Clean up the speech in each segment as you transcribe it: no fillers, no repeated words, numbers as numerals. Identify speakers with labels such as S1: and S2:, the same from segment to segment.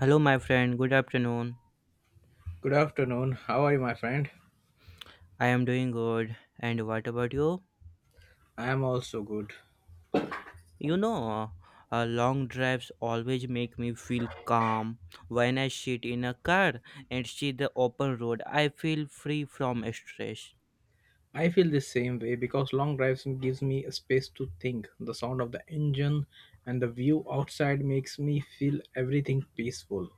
S1: Hello, my friend. Good afternoon.
S2: Good afternoon. How are you, my friend?
S1: I am doing good. And what about you?
S2: I am also good.
S1: You know, Long drives always make me feel calm. When I sit in a car and see the open road, I feel free from stress.
S2: I feel the same way because long drives gives me a space to think. The sound of the engine and the view outside makes me feel everything peaceful.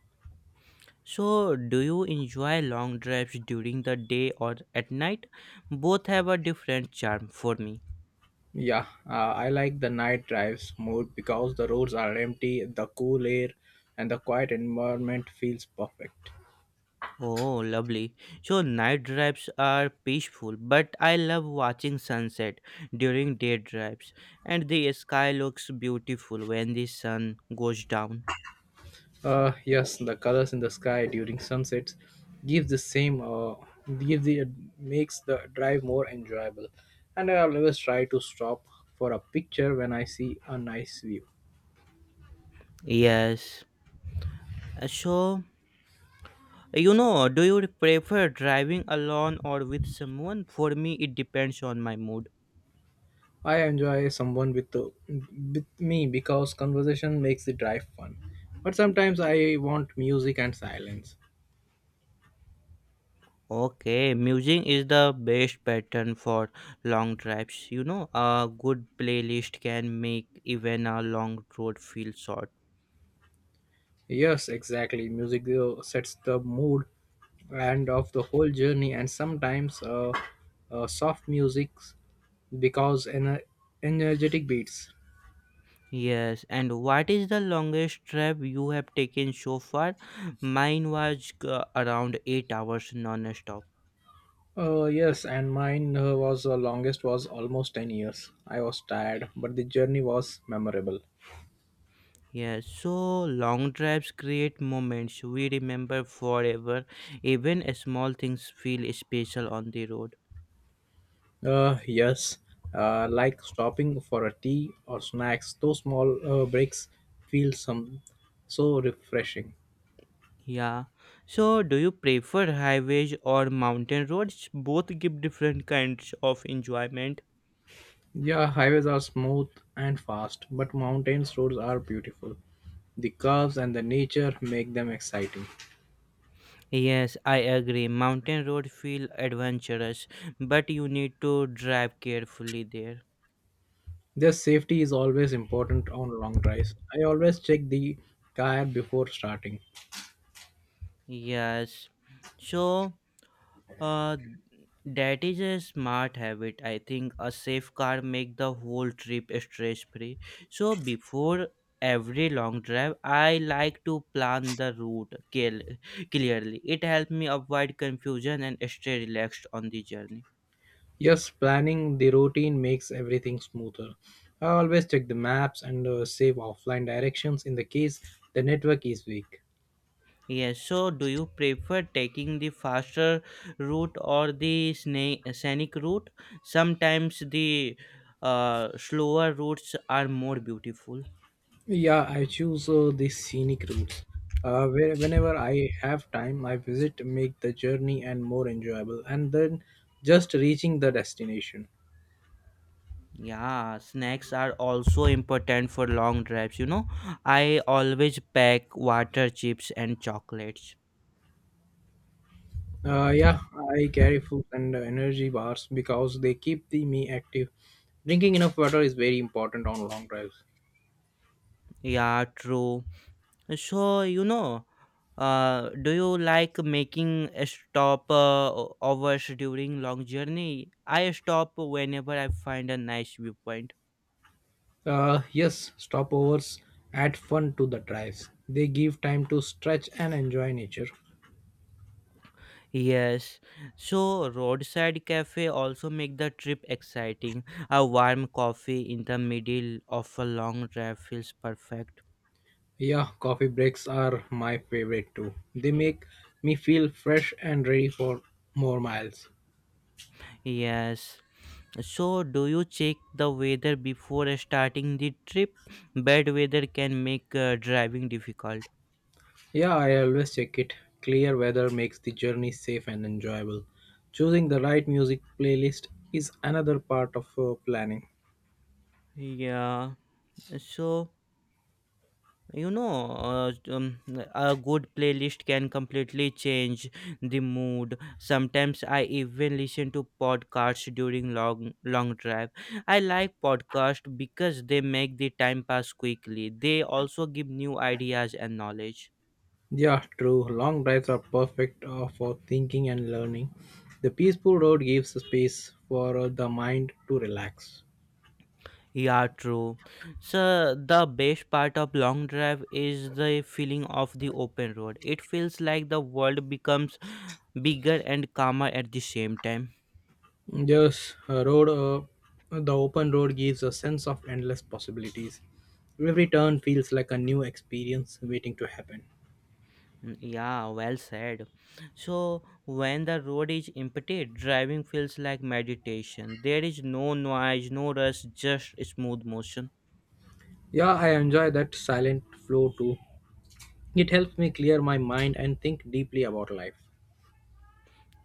S1: So, do you enjoy long drives during the day or at night? Both have a different charm for me.
S2: Yeah, I like the night drives more because the roads are empty, the cool air, and the quiet environment feels perfect.
S1: Oh, lovely. So night drives are peaceful, but I love watching sunset during day drives, and the sky looks beautiful when the sun goes down.
S2: Yes, the colors in the sky during sunsets give the same give the makes the drive more enjoyable. And I always try to stop for a picture when I see a nice view.
S1: Yes. So, do you prefer driving alone or with someone? For me, it depends on my mood.
S2: I enjoy someone with with me because conversation makes the drive fun. But sometimes I want music and silence.
S1: Okay, music is the best pattern for long drives. A good playlist can make even a long road feel short.
S2: Yes, exactly. Music sets the mood and of the whole journey and sometimes soft music because energetic beats.
S1: Yes, and what is the longest trip you have taken so far? Mine was around 8 hours non-stop.
S2: Yes, and mine was longest was almost 10 years. I was tired, but the journey was memorable.
S1: Yes, so long drives create moments we remember forever. Even small things feel special on the road.
S2: Yes, like stopping for a tea or snacks, those small breaks feel some so refreshing.
S1: Yeah. So, do you prefer highways or mountain roads? Both give different kinds of enjoyment.
S2: Yeah, highways are smooth and fast, but mountain roads are beautiful. The curves and the nature make them exciting.
S1: Yes, I agree. Mountain roads feel adventurous, but you need to drive carefully there.
S2: Their safety is always important on long drives. I always check the car before starting.
S1: Yes. So, uh, that is a smart habit. I think a safe car make the whole trip stress free. So before every long drive, I like to plan the clearly. It helps me avoid confusion and stay relaxed on the journey.
S2: Yes, planning the routine makes everything smoother. I always check the maps and save offline directions in the case the network is weak.
S1: Yes. So, do you prefer taking the faster route or the scenic route? Sometimes the slower routes are more beautiful.
S2: Yeah, I choose the scenic routes. Whenever I have time, I visit make the journey and more enjoyable, and then just reaching the destination.
S1: Yeah, snacks are also important for long drives, I always pack water, chips, and chocolates.
S2: Yeah, I carry food and energy bars because they keep the me active. Drinking enough water is very important on long drives.
S1: Yeah, true. So, do you like making a stop hours during long journey? I stop whenever I find a nice viewpoint.
S2: Yes, stopovers add fun to the drives. They give time to stretch and enjoy nature.
S1: Yes. So, roadside cafe also make the trip exciting. A warm coffee in the middle of a long drive feels perfect.
S2: Yeah, coffee breaks are my favorite too. They make me feel fresh and ready for more miles.
S1: Yes. So, do you check the weather before starting the trip? Bad weather can make driving difficult.
S2: Yeah, I always check it. Clear weather makes the journey safe and enjoyable. Choosing the right music playlist is another part of planning.
S1: Yeah. So, you know, uh, um, a good playlist can completely change the mood. Sometimes I even listen to podcasts during long drive. I like podcasts because they make the time pass quickly. They also give new ideas and knowledge.
S2: Yeah, true. Long drives are perfect for thinking and learning. The peaceful road gives space for the mind to relax.
S1: Yeah, true. So the best part of long drive is the feeling of the open road. It feels like the world becomes bigger and calmer at the same time.
S2: Yes, a road. The open road gives a sense of endless possibilities. Every turn feels like a new experience waiting to happen.
S1: Mm, yeah, well said. So when the road is empty, driving feels like meditation. There is no noise, no rush, just smooth motion.
S2: Yeah, I enjoy that silent flow too. It helps me clear my mind and think deeply about life.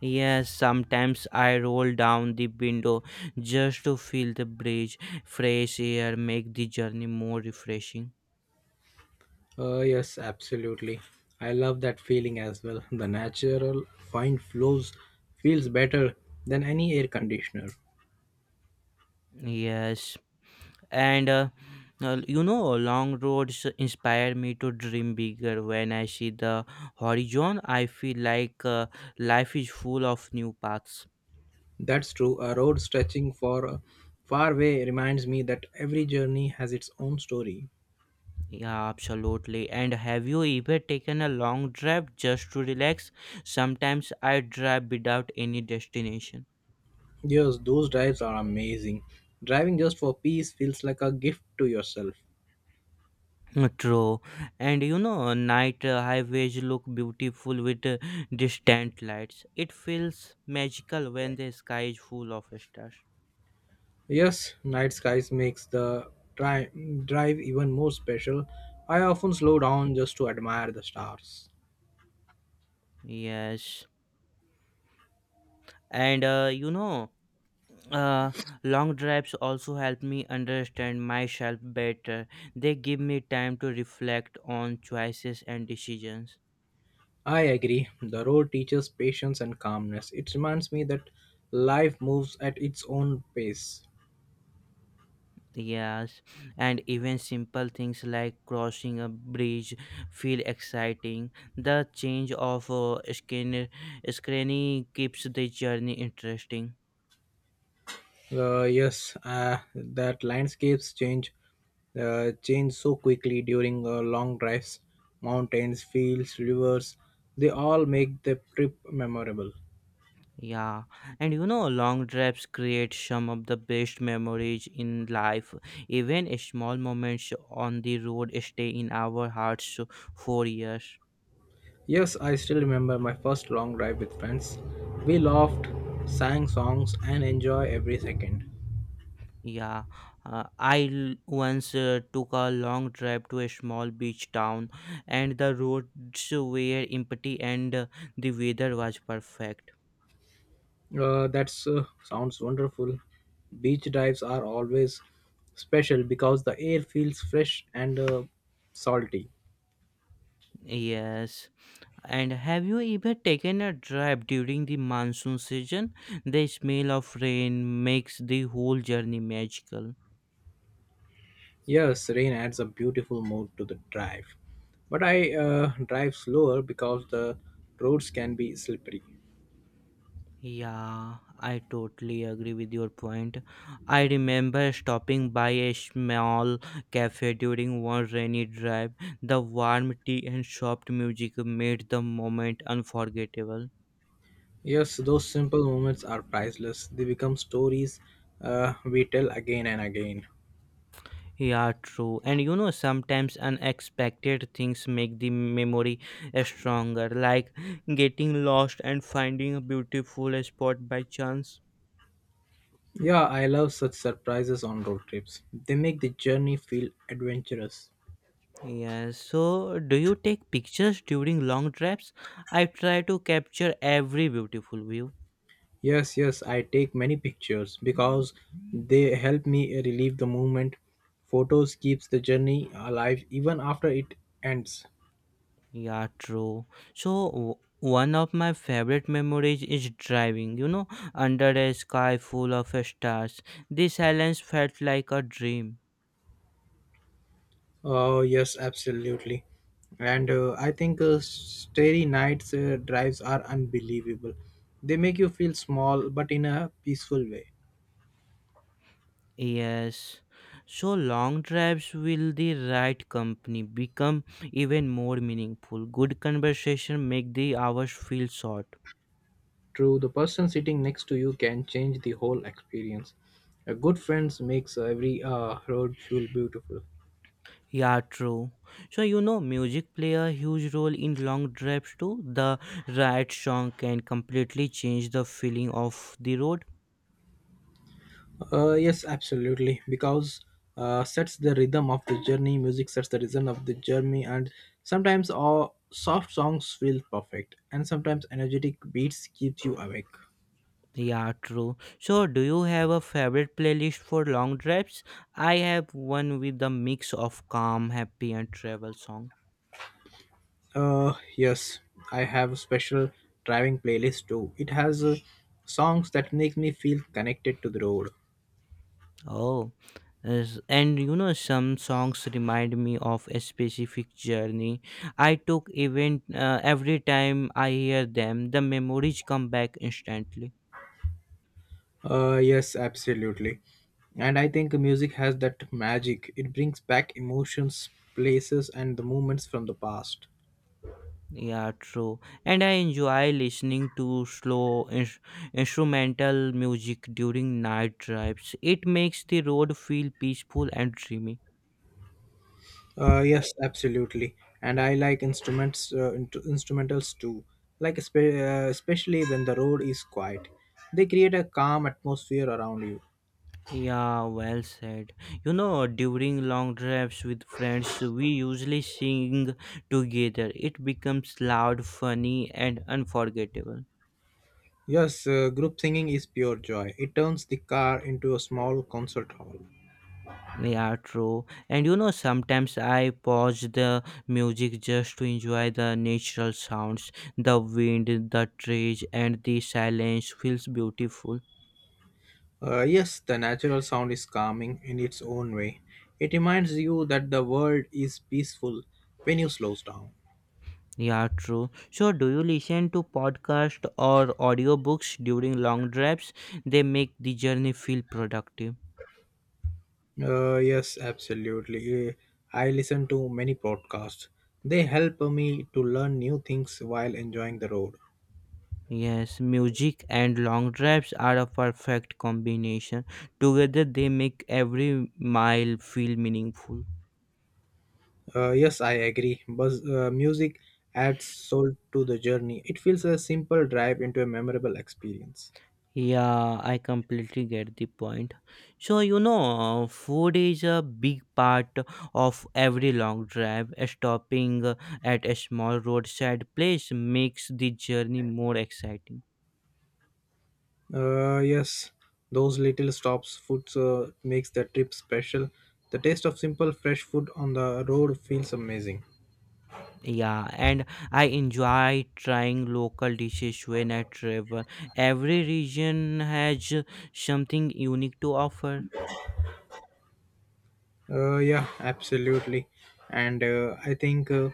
S1: Yes, sometimes I roll down the window just to feel the breeze, fresh air, make the journey more refreshing.
S2: Yes, absolutely. I love that feeling as well. The natural fine flows feels better than any air conditioner.
S1: Yes, and long roads inspire me to dream bigger. When I see the horizon, I feel like life is full of new paths.
S2: That's true. A road stretching for a far way reminds me that every journey has its own story.
S1: Yeah, absolutely. And have you ever taken a long drive just to relax? Sometimes I drive without any destination.
S2: Yes, those drives are amazing. Driving just for peace feels like a gift to yourself.
S1: True, and you know, night highways look beautiful with distant lights. It feels magical when the sky is full of stars.
S2: Yes, night skies makes the drive even more special. I often slow down just to admire the stars.
S1: Yes. And uh, long drives also help me understand myself better. They give me time to reflect on choices and decisions.
S2: I agree. The road teaches patience and calmness. It reminds me that life moves at its own pace.
S1: Yes. And even simple things like crossing a bridge feel exciting. The change of screening keeps the journey interesting.
S2: Yes, that landscapes change, change so quickly during long drives. Mountains, fields, rivers, they all make the trip memorable.
S1: Yeah, and you know, long drives create some of the best memories in life. Even small moments on the road stay in our hearts for years.
S2: Yes, I still remember my first long drive with friends. We laughed, sang songs, and enjoy every second.
S1: Yeah, I once took a long drive to a small beach town, and the roads were empty and the weather was perfect.
S2: That's sounds wonderful. Beach dives are always special because the air feels fresh and salty.
S1: Yes, and have you ever taken a drive during the monsoon season? The smell of rain makes the whole journey magical.
S2: Yes, rain adds a beautiful mood to the drive, but I drive slower because the roads can be slippery.
S1: Yeah, I totally agree with your point. I remember stopping by a small cafe during one rainy drive. The warm tea and soft music made the moment unforgettable.
S2: Yes, those simple moments are priceless. They become stories we tell again and again.
S1: Yeah, true. And you know, sometimes unexpected things make the memory stronger, like getting lost and finding a beautiful spot by chance.
S2: Yeah, I love such surprises on road trips. They make the journey feel adventurous.
S1: Yeah, so do you take pictures during long trips? I try to capture every beautiful view.
S2: Yes, yes, I take many pictures because they help me relieve the moment. Photos keeps the journey alive even after it ends.
S1: Yeah, true. So, one of my favorite memories is driving, you know, under a sky full of stars. The silence felt like a dream.
S2: Oh, yes, absolutely. And I think starry nights drives are unbelievable. They make you feel small but in a peaceful way.
S1: Yes, so long drives will the right company become even more meaningful. Good conversation make the hours feel short.
S2: True, the person sitting next to you can change the whole experience. A good friends makes every road feel beautiful.
S1: Yeah, true. So you know, music play a huge role in long drives too. The right song can completely change the feeling of the road.
S2: Yes, absolutely. Because sets the rhythm of the journey, music sets the rhythm of the journey, and sometimes all soft songs feel perfect, and sometimes energetic beats keeps you awake.
S1: Yeah, true. So do you have a favorite playlist for long drives? I have one with a mix of calm, happy, and travel songs.
S2: Yes, I have a special driving playlist too. It has songs that make me feel connected to the road.
S1: Oh, and you know, some songs remind me of a specific journey I took. Even every time I hear them, the memories come back instantly.
S2: Yes, absolutely. And I think music has that magic. It brings back emotions, places, and the moments from the past.
S1: Yeah, true. And I enjoy listening to slow instrumental music during night drives. It makes the road feel peaceful and dreamy.
S2: Yes, absolutely. And I like instruments, instrumentals too. Like especially when the road is quiet, they create a calm atmosphere around you.
S1: Yeah, well said. You know, during long drives with friends, we usually sing together. It becomes loud, funny, and unforgettable.
S2: Yes, group singing is pure joy. It turns the car into a small concert hall.
S1: Yeah, true. And you know, sometimes I pause the music just to enjoy the natural sounds. The wind, the trees, and the silence feels beautiful.
S2: Yes, the natural sound is calming in its own way. It reminds you that the world is peaceful when you slow down.
S1: Yeah, true. So, do you listen to podcast or audiobooks during long drives? They make the journey feel productive.
S2: Yes, absolutely. I listen to many podcasts. They help me to learn new things while enjoying the road.
S1: Yes, music and long drives are a perfect combination. Together, they make every mile feel meaningful.
S2: Yes, I agree. But music adds soul to the journey. It feels a simple drive into a memorable experience.
S1: Yeah, I completely get the point. So, you know, food is a big part of every long drive. Stopping at a small roadside place makes the journey more exciting.
S2: Yes, those little stops, foods makes the trip special. The taste of simple fresh food on the road feels amazing.
S1: Yeah, and I enjoy trying local dishes when I travel. Every region has something unique to offer.
S2: Yeah, absolutely. And uh, I think. Uh,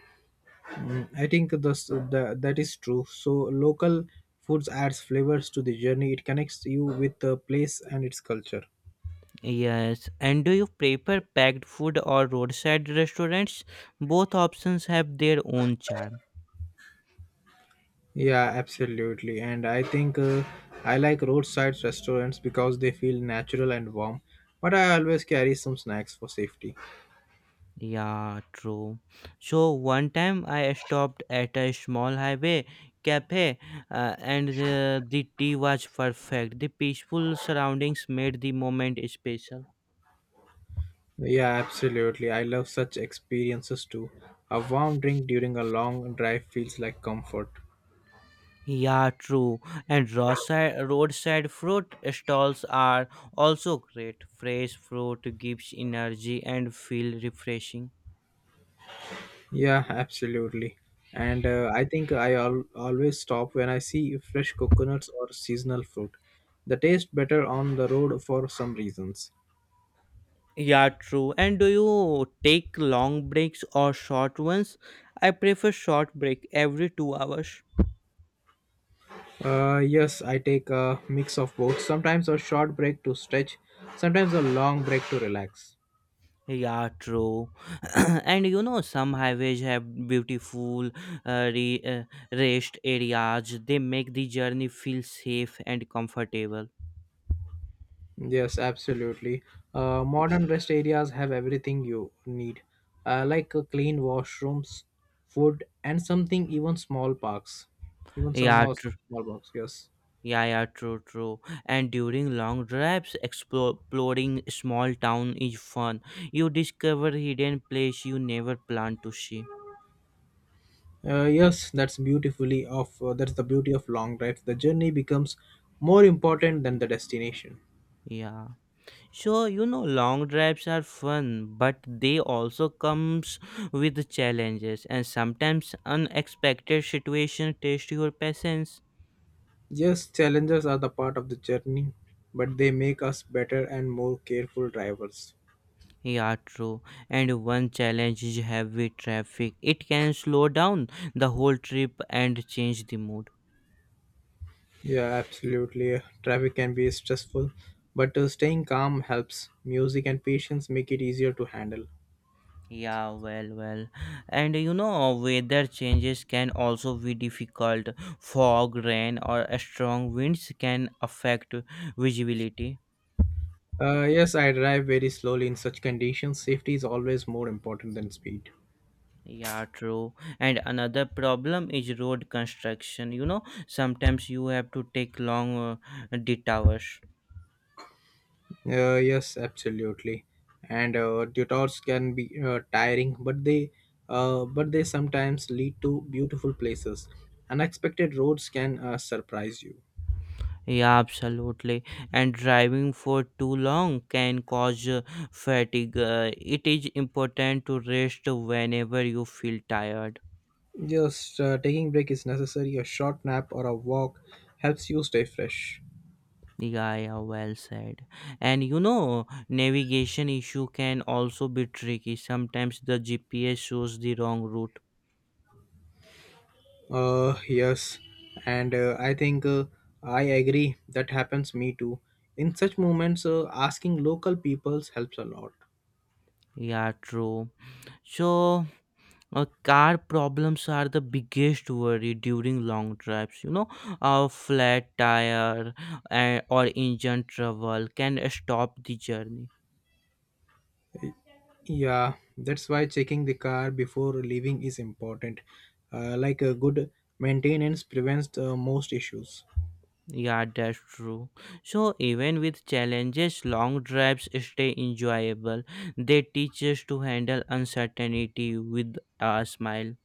S2: Mm, I think that is true. So local foods adds flavors to the journey. It connects you with the place and its culture.
S1: Yes, and do you prefer packed food or roadside restaurants? Both options have their own charm.
S2: Yeah, absolutely. And I like roadside restaurants because they feel natural and warm. But I always carry some snacks for safety.
S1: Yeah, true. So one time I stopped at a small highway cafe and the tea was perfect. The peaceful surroundings made the moment special.
S2: Yeah, absolutely. I love such experiences too. A warm drink during a long drive feels like comfort.
S1: Yeah, true. And roadside fruit stalls are also great. Fresh fruit gives energy and feel refreshing.
S2: Yeah, absolutely. And I think always stop when I see fresh coconuts or seasonal fruit. They taste better on the road for some reasons.
S1: Yeah, true. And do you take long breaks or short ones? I prefer short break every 2 hours.
S2: Yes, I take a mix of both. Sometimes a short break to stretch, sometimes a long break to relax.
S1: Yeah, true. And you know, some highways have beautiful uh, re- uh, rest areas. They make the journey feel safe and comfortable.
S2: Yes, absolutely. Modern rest areas have everything you need, like clean washrooms, food, and something even small parks. Even some
S1: Yeah,
S2: small parks, yes.
S1: yeah, yeah, true, true. And during long drives, exploring small town is fun. You discover hidden place you never planned to see.
S2: That's the beauty of long drives. The journey becomes more important than the destination.
S1: Yeah. So you know, long drives are fun, but they also comes with challenges, and sometimes unexpected situation test your patience.
S2: Yes, challenges are the part of the journey, but they make us better and more careful drivers.
S1: Yeah, true. And one challenge is heavy traffic. It can slow down the whole trip and change the mood.
S2: Yeah, absolutely. Traffic can be stressful, but staying calm helps. Music and patience make it easier to handle.
S1: Yeah, well, well. And you know, weather changes can also be difficult. Fog, rain, or a strong winds can affect visibility.
S2: Yes, I drive very slowly in such conditions. Safety is always more important than speed.
S1: Yeah, true. And another problem is road construction. You know, sometimes you have to take long detours.
S2: Yes, absolutely. And tutors can be tiring, but they sometimes lead to beautiful places. Unexpected roads can surprise you.
S1: Yeah, absolutely. And driving for too long can cause fatigue. It is important to rest whenever you feel tired.
S2: Just taking break is necessary. A short nap or a walk helps you stay fresh.
S1: Yeah, well said. And you know, navigation issue can also be tricky. Sometimes the GPS shows the wrong route.
S2: Yes, and I think I agree. That happens me too. In such moments, asking local peoples helps a lot.
S1: Yeah, true. So, car problems are the biggest worry during long drives. You know, a flat tire or engine trouble can stop the journey.
S2: Yeah, that's why checking the car before leaving is important. Like a good maintenance prevents the most issues.
S1: Yeah, that's true. So, even with challenges, long drives stay enjoyable. They teach us to handle uncertainty with a smile.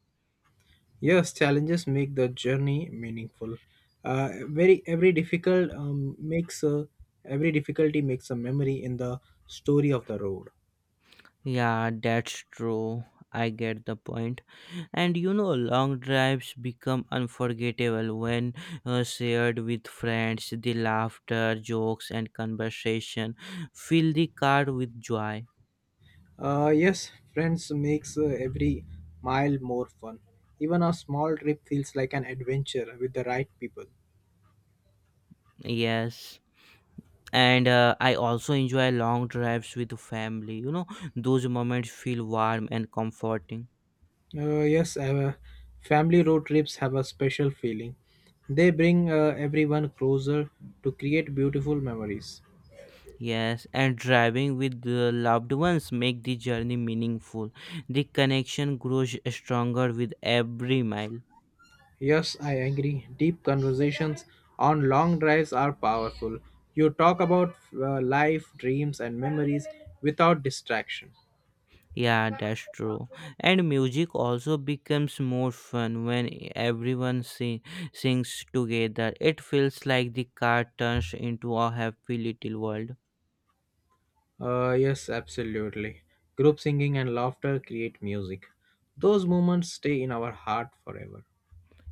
S2: Yes, challenges make the journey meaningful. Very every difficult makes a, Every difficulty makes a memory in the story of the road.
S1: Yeah, that's true. I get the point. And you know, long drives become unforgettable when shared with friends. The laughter, jokes, and conversation fill the car with joy.
S2: Yes, friends makes every mile more fun. Even a small trip feels like an adventure with the right people.
S1: Yes. And I also enjoy long drives with family, you know, those moments feel warm and comforting.
S2: Yes, family road trips have a special feeling. They bring everyone closer to create beautiful memories.
S1: Yes, and driving with the loved ones make the journey meaningful. The connection grows stronger with every mile.
S2: Yes, I agree. Deep conversations on long drives are powerful. You talk about life, dreams, and memories without distraction.
S1: Yeah, that's true. And music also becomes more fun when everyone sings together. It feels like the car turns into a happy little world.
S2: Yes, absolutely. Group singing and laughter create music. Those moments stay in our heart forever.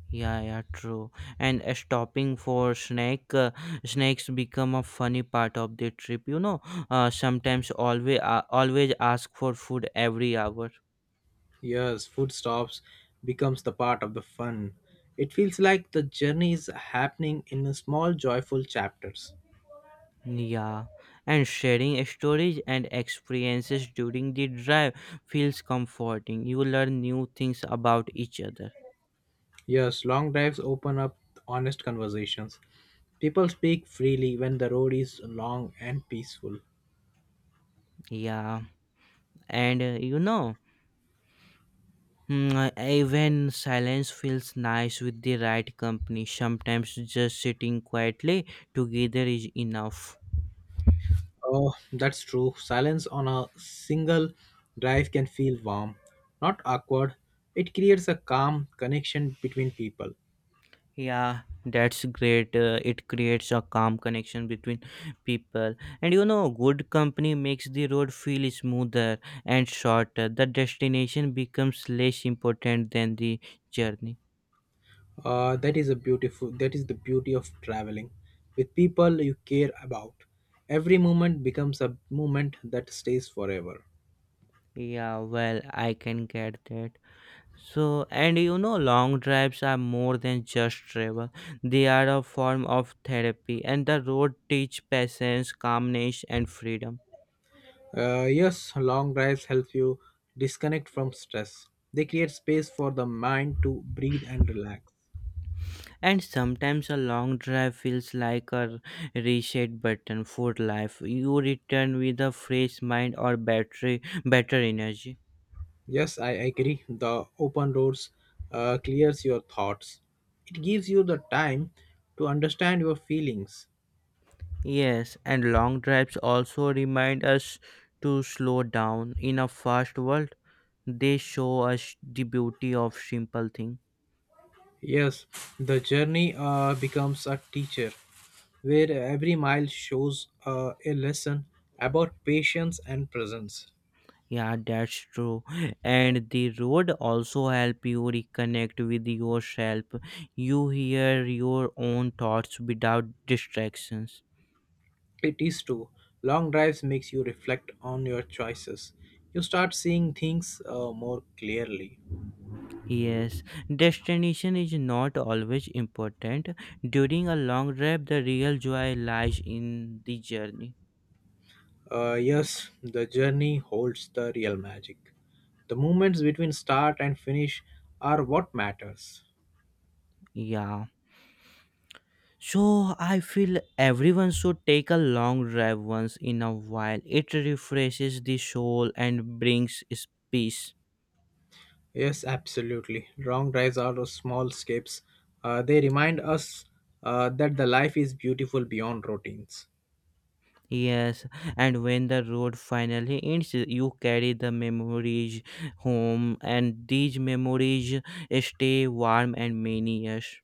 S1: Yeah, yeah, true. And stopping for snacks become a funny part of the trip. You know, sometimes always ask for food every hour.
S2: Yes, food stops becomes the part of the fun. It feels like the journey is happening in a small joyful chapters.
S1: Yeah, and sharing stories and experiences during the drive feels comforting. You learn new things about each other.
S2: Yes, long drives open up honest conversations. People speak freely when the road is long and peaceful.
S1: Yeah, and even silence feels nice with the right company. Sometimes just sitting quietly together is enough.
S2: Oh, that's true. Silence on a single drive can feel warm, not awkward. It creates a calm connection between people.
S1: Yeah, that's great. It creates a calm connection between people. And you know, good company makes the road feel smoother and shorter. The destination becomes less important than the journey.
S2: That is a beautiful. That is the beauty of traveling, with people you care about. Every moment becomes a moment that stays forever.
S1: Yeah, well, I can get that. So, and you know, long drives are more than just travel. They are a form of therapy, and the road teach patience, calmness, and freedom.
S2: Yes, long drives help you disconnect from stress. They create space for the mind to breathe and relax.
S1: And sometimes a long drive feels like a reset button for life. You return with a fresh mind or battery, better energy.
S2: Yes, I agree. The open roads clears your thoughts. It gives you the time to understand your feelings.
S1: Yes, and long drives also remind us to slow down. In a fast world, they show us the beauty of simple things.
S2: Yes, the journey becomes a teacher, where every mile shows a lesson about patience and presence.
S1: Yeah, that's true. And the road also help you reconnect with yourself. You hear your own thoughts without distractions.
S2: It is true. Long drives makes you reflect on your choices. You start seeing things more clearly.
S1: Yes, destination is not always important. During a long drive, the real joy lies in the journey.
S2: Yes, the journey holds the real magic. The moments between start and finish are what matters.
S1: Yeah. So I feel everyone should take a long drive once in a while. It refreshes the soul and brings peace.
S2: Yes, absolutely. Long drives are those small escapes. They remind us that the life is beautiful beyond routines.
S1: Yes, and when the road finally ends, you carry the memories home, and these memories stay warm and many years.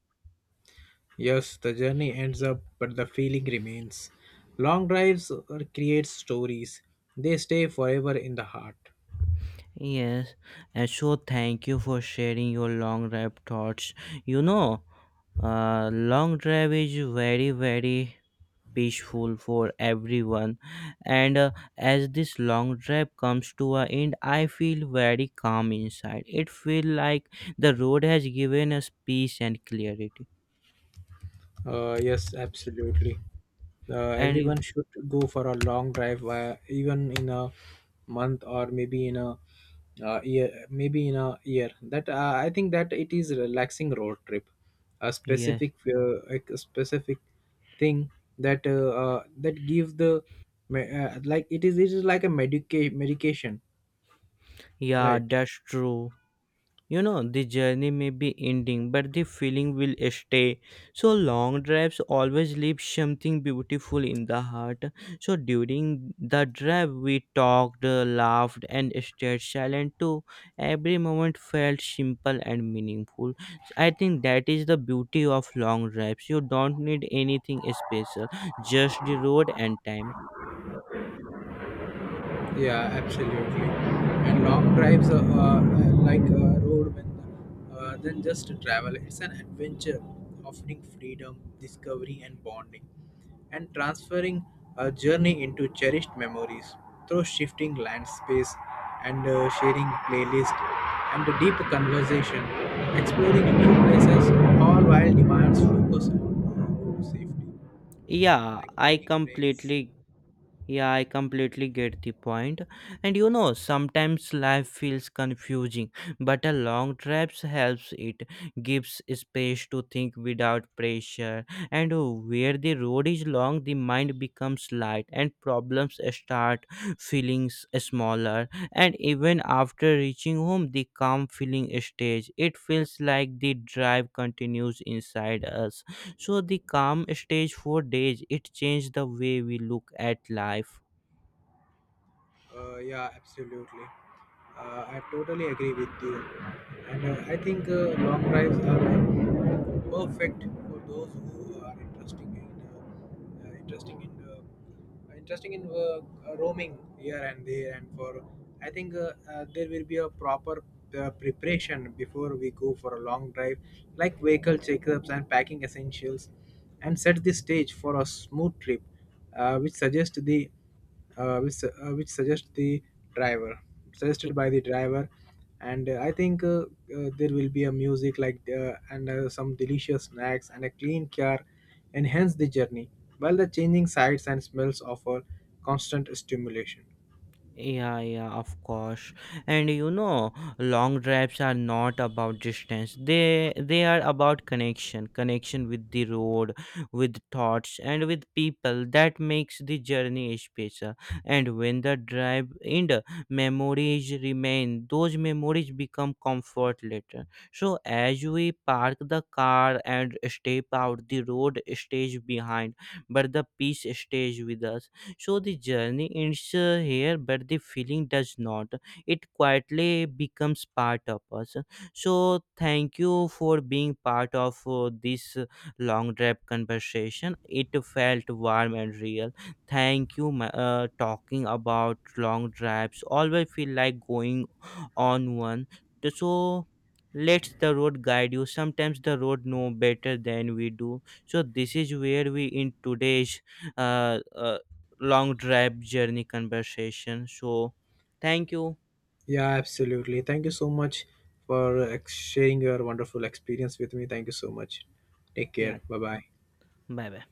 S2: Yes, the journey ends up, but the feeling remains. Long drives create stories. They stay forever in the heart.
S1: Yes, and so thank you for sharing your long drive thoughts. You know, long drive is very peaceful for everyone, and as this long drive comes to an end, I feel very calm inside. It feels like the road has given us peace and clarity.
S2: Yes, absolutely.
S1: And you-
S2: Everyone should go for a long drive, even in a month or maybe in a year. Maybe in a year. That I think that it is a relaxing road trip, a
S1: yes,
S2: specific like a specific thing that that gives the like it is like a medication,
S1: yeah,
S2: right?
S1: that's true. You know, the journey may be ending, but the feeling will stay. So long drives always leave something beautiful in the heart. So during the drive we talked, laughed, and stayed silent too. Every moment felt simple and meaningful. So I think that is the beauty of long drives. You don't need anything special, just the road and time.
S2: Yeah, absolutely. And long drives are like a road when then just travel. It's an adventure offering freedom, discovery, and bonding, and transferring a journey into cherished memories through shifting land space and sharing playlist and a deep conversation, exploring new places, all while demands focus on road safety,
S1: Yeah,
S2: like
S1: I
S2: taking breaks.
S1: completely. Yeah, I completely get the point. And you know, sometimes life feels confusing, but a long trip helps it, gives space to think without pressure. And where the road is long, the mind becomes light and problems start feeling smaller. And even after reaching home, the calm feeling stays. It feels like the drive continues inside us. So the calm stage for days, it changed the way we look at life.
S2: Yeah, absolutely. I totally agree with you. And I think long drives are perfect for those who are interesting in roaming here and there. And for I think there will be a proper preparation before we go for a long drive, like vehicle checkups and packing essentials, and set the stage for a smooth trip, which suggests the which su- which suggest the driver suggested by the driver. And I think there will be a music like and some delicious snacks and a clean car enhance the journey while the changing sights and smells offer constant stimulation.
S1: Yeah, yeah, of course. And you know, long drives are not about distance. They are about connection, connection with the road, with thoughts, and with people. That makes the journey special. And when the drive end, memories remain. Those memories become comfort later. So as we park the car and step out, the road stays behind, but the peace stays with us. So the journey ends here, but the feeling does not. It quietly becomes part of us. So thank you for being part of this long drive conversation. It felt warm and real. Talking about long drives always feel like going on one. So let the road guide you. Sometimes the road know better than we do. So this is where we in today's uh, uh, long drive journey conversation. So, thank you.
S2: Yeah, absolutely, thank you so much for sharing your wonderful experience with me. Thank you so much. Take care.
S1: Yeah,
S2: Bye bye.
S1: bye bye.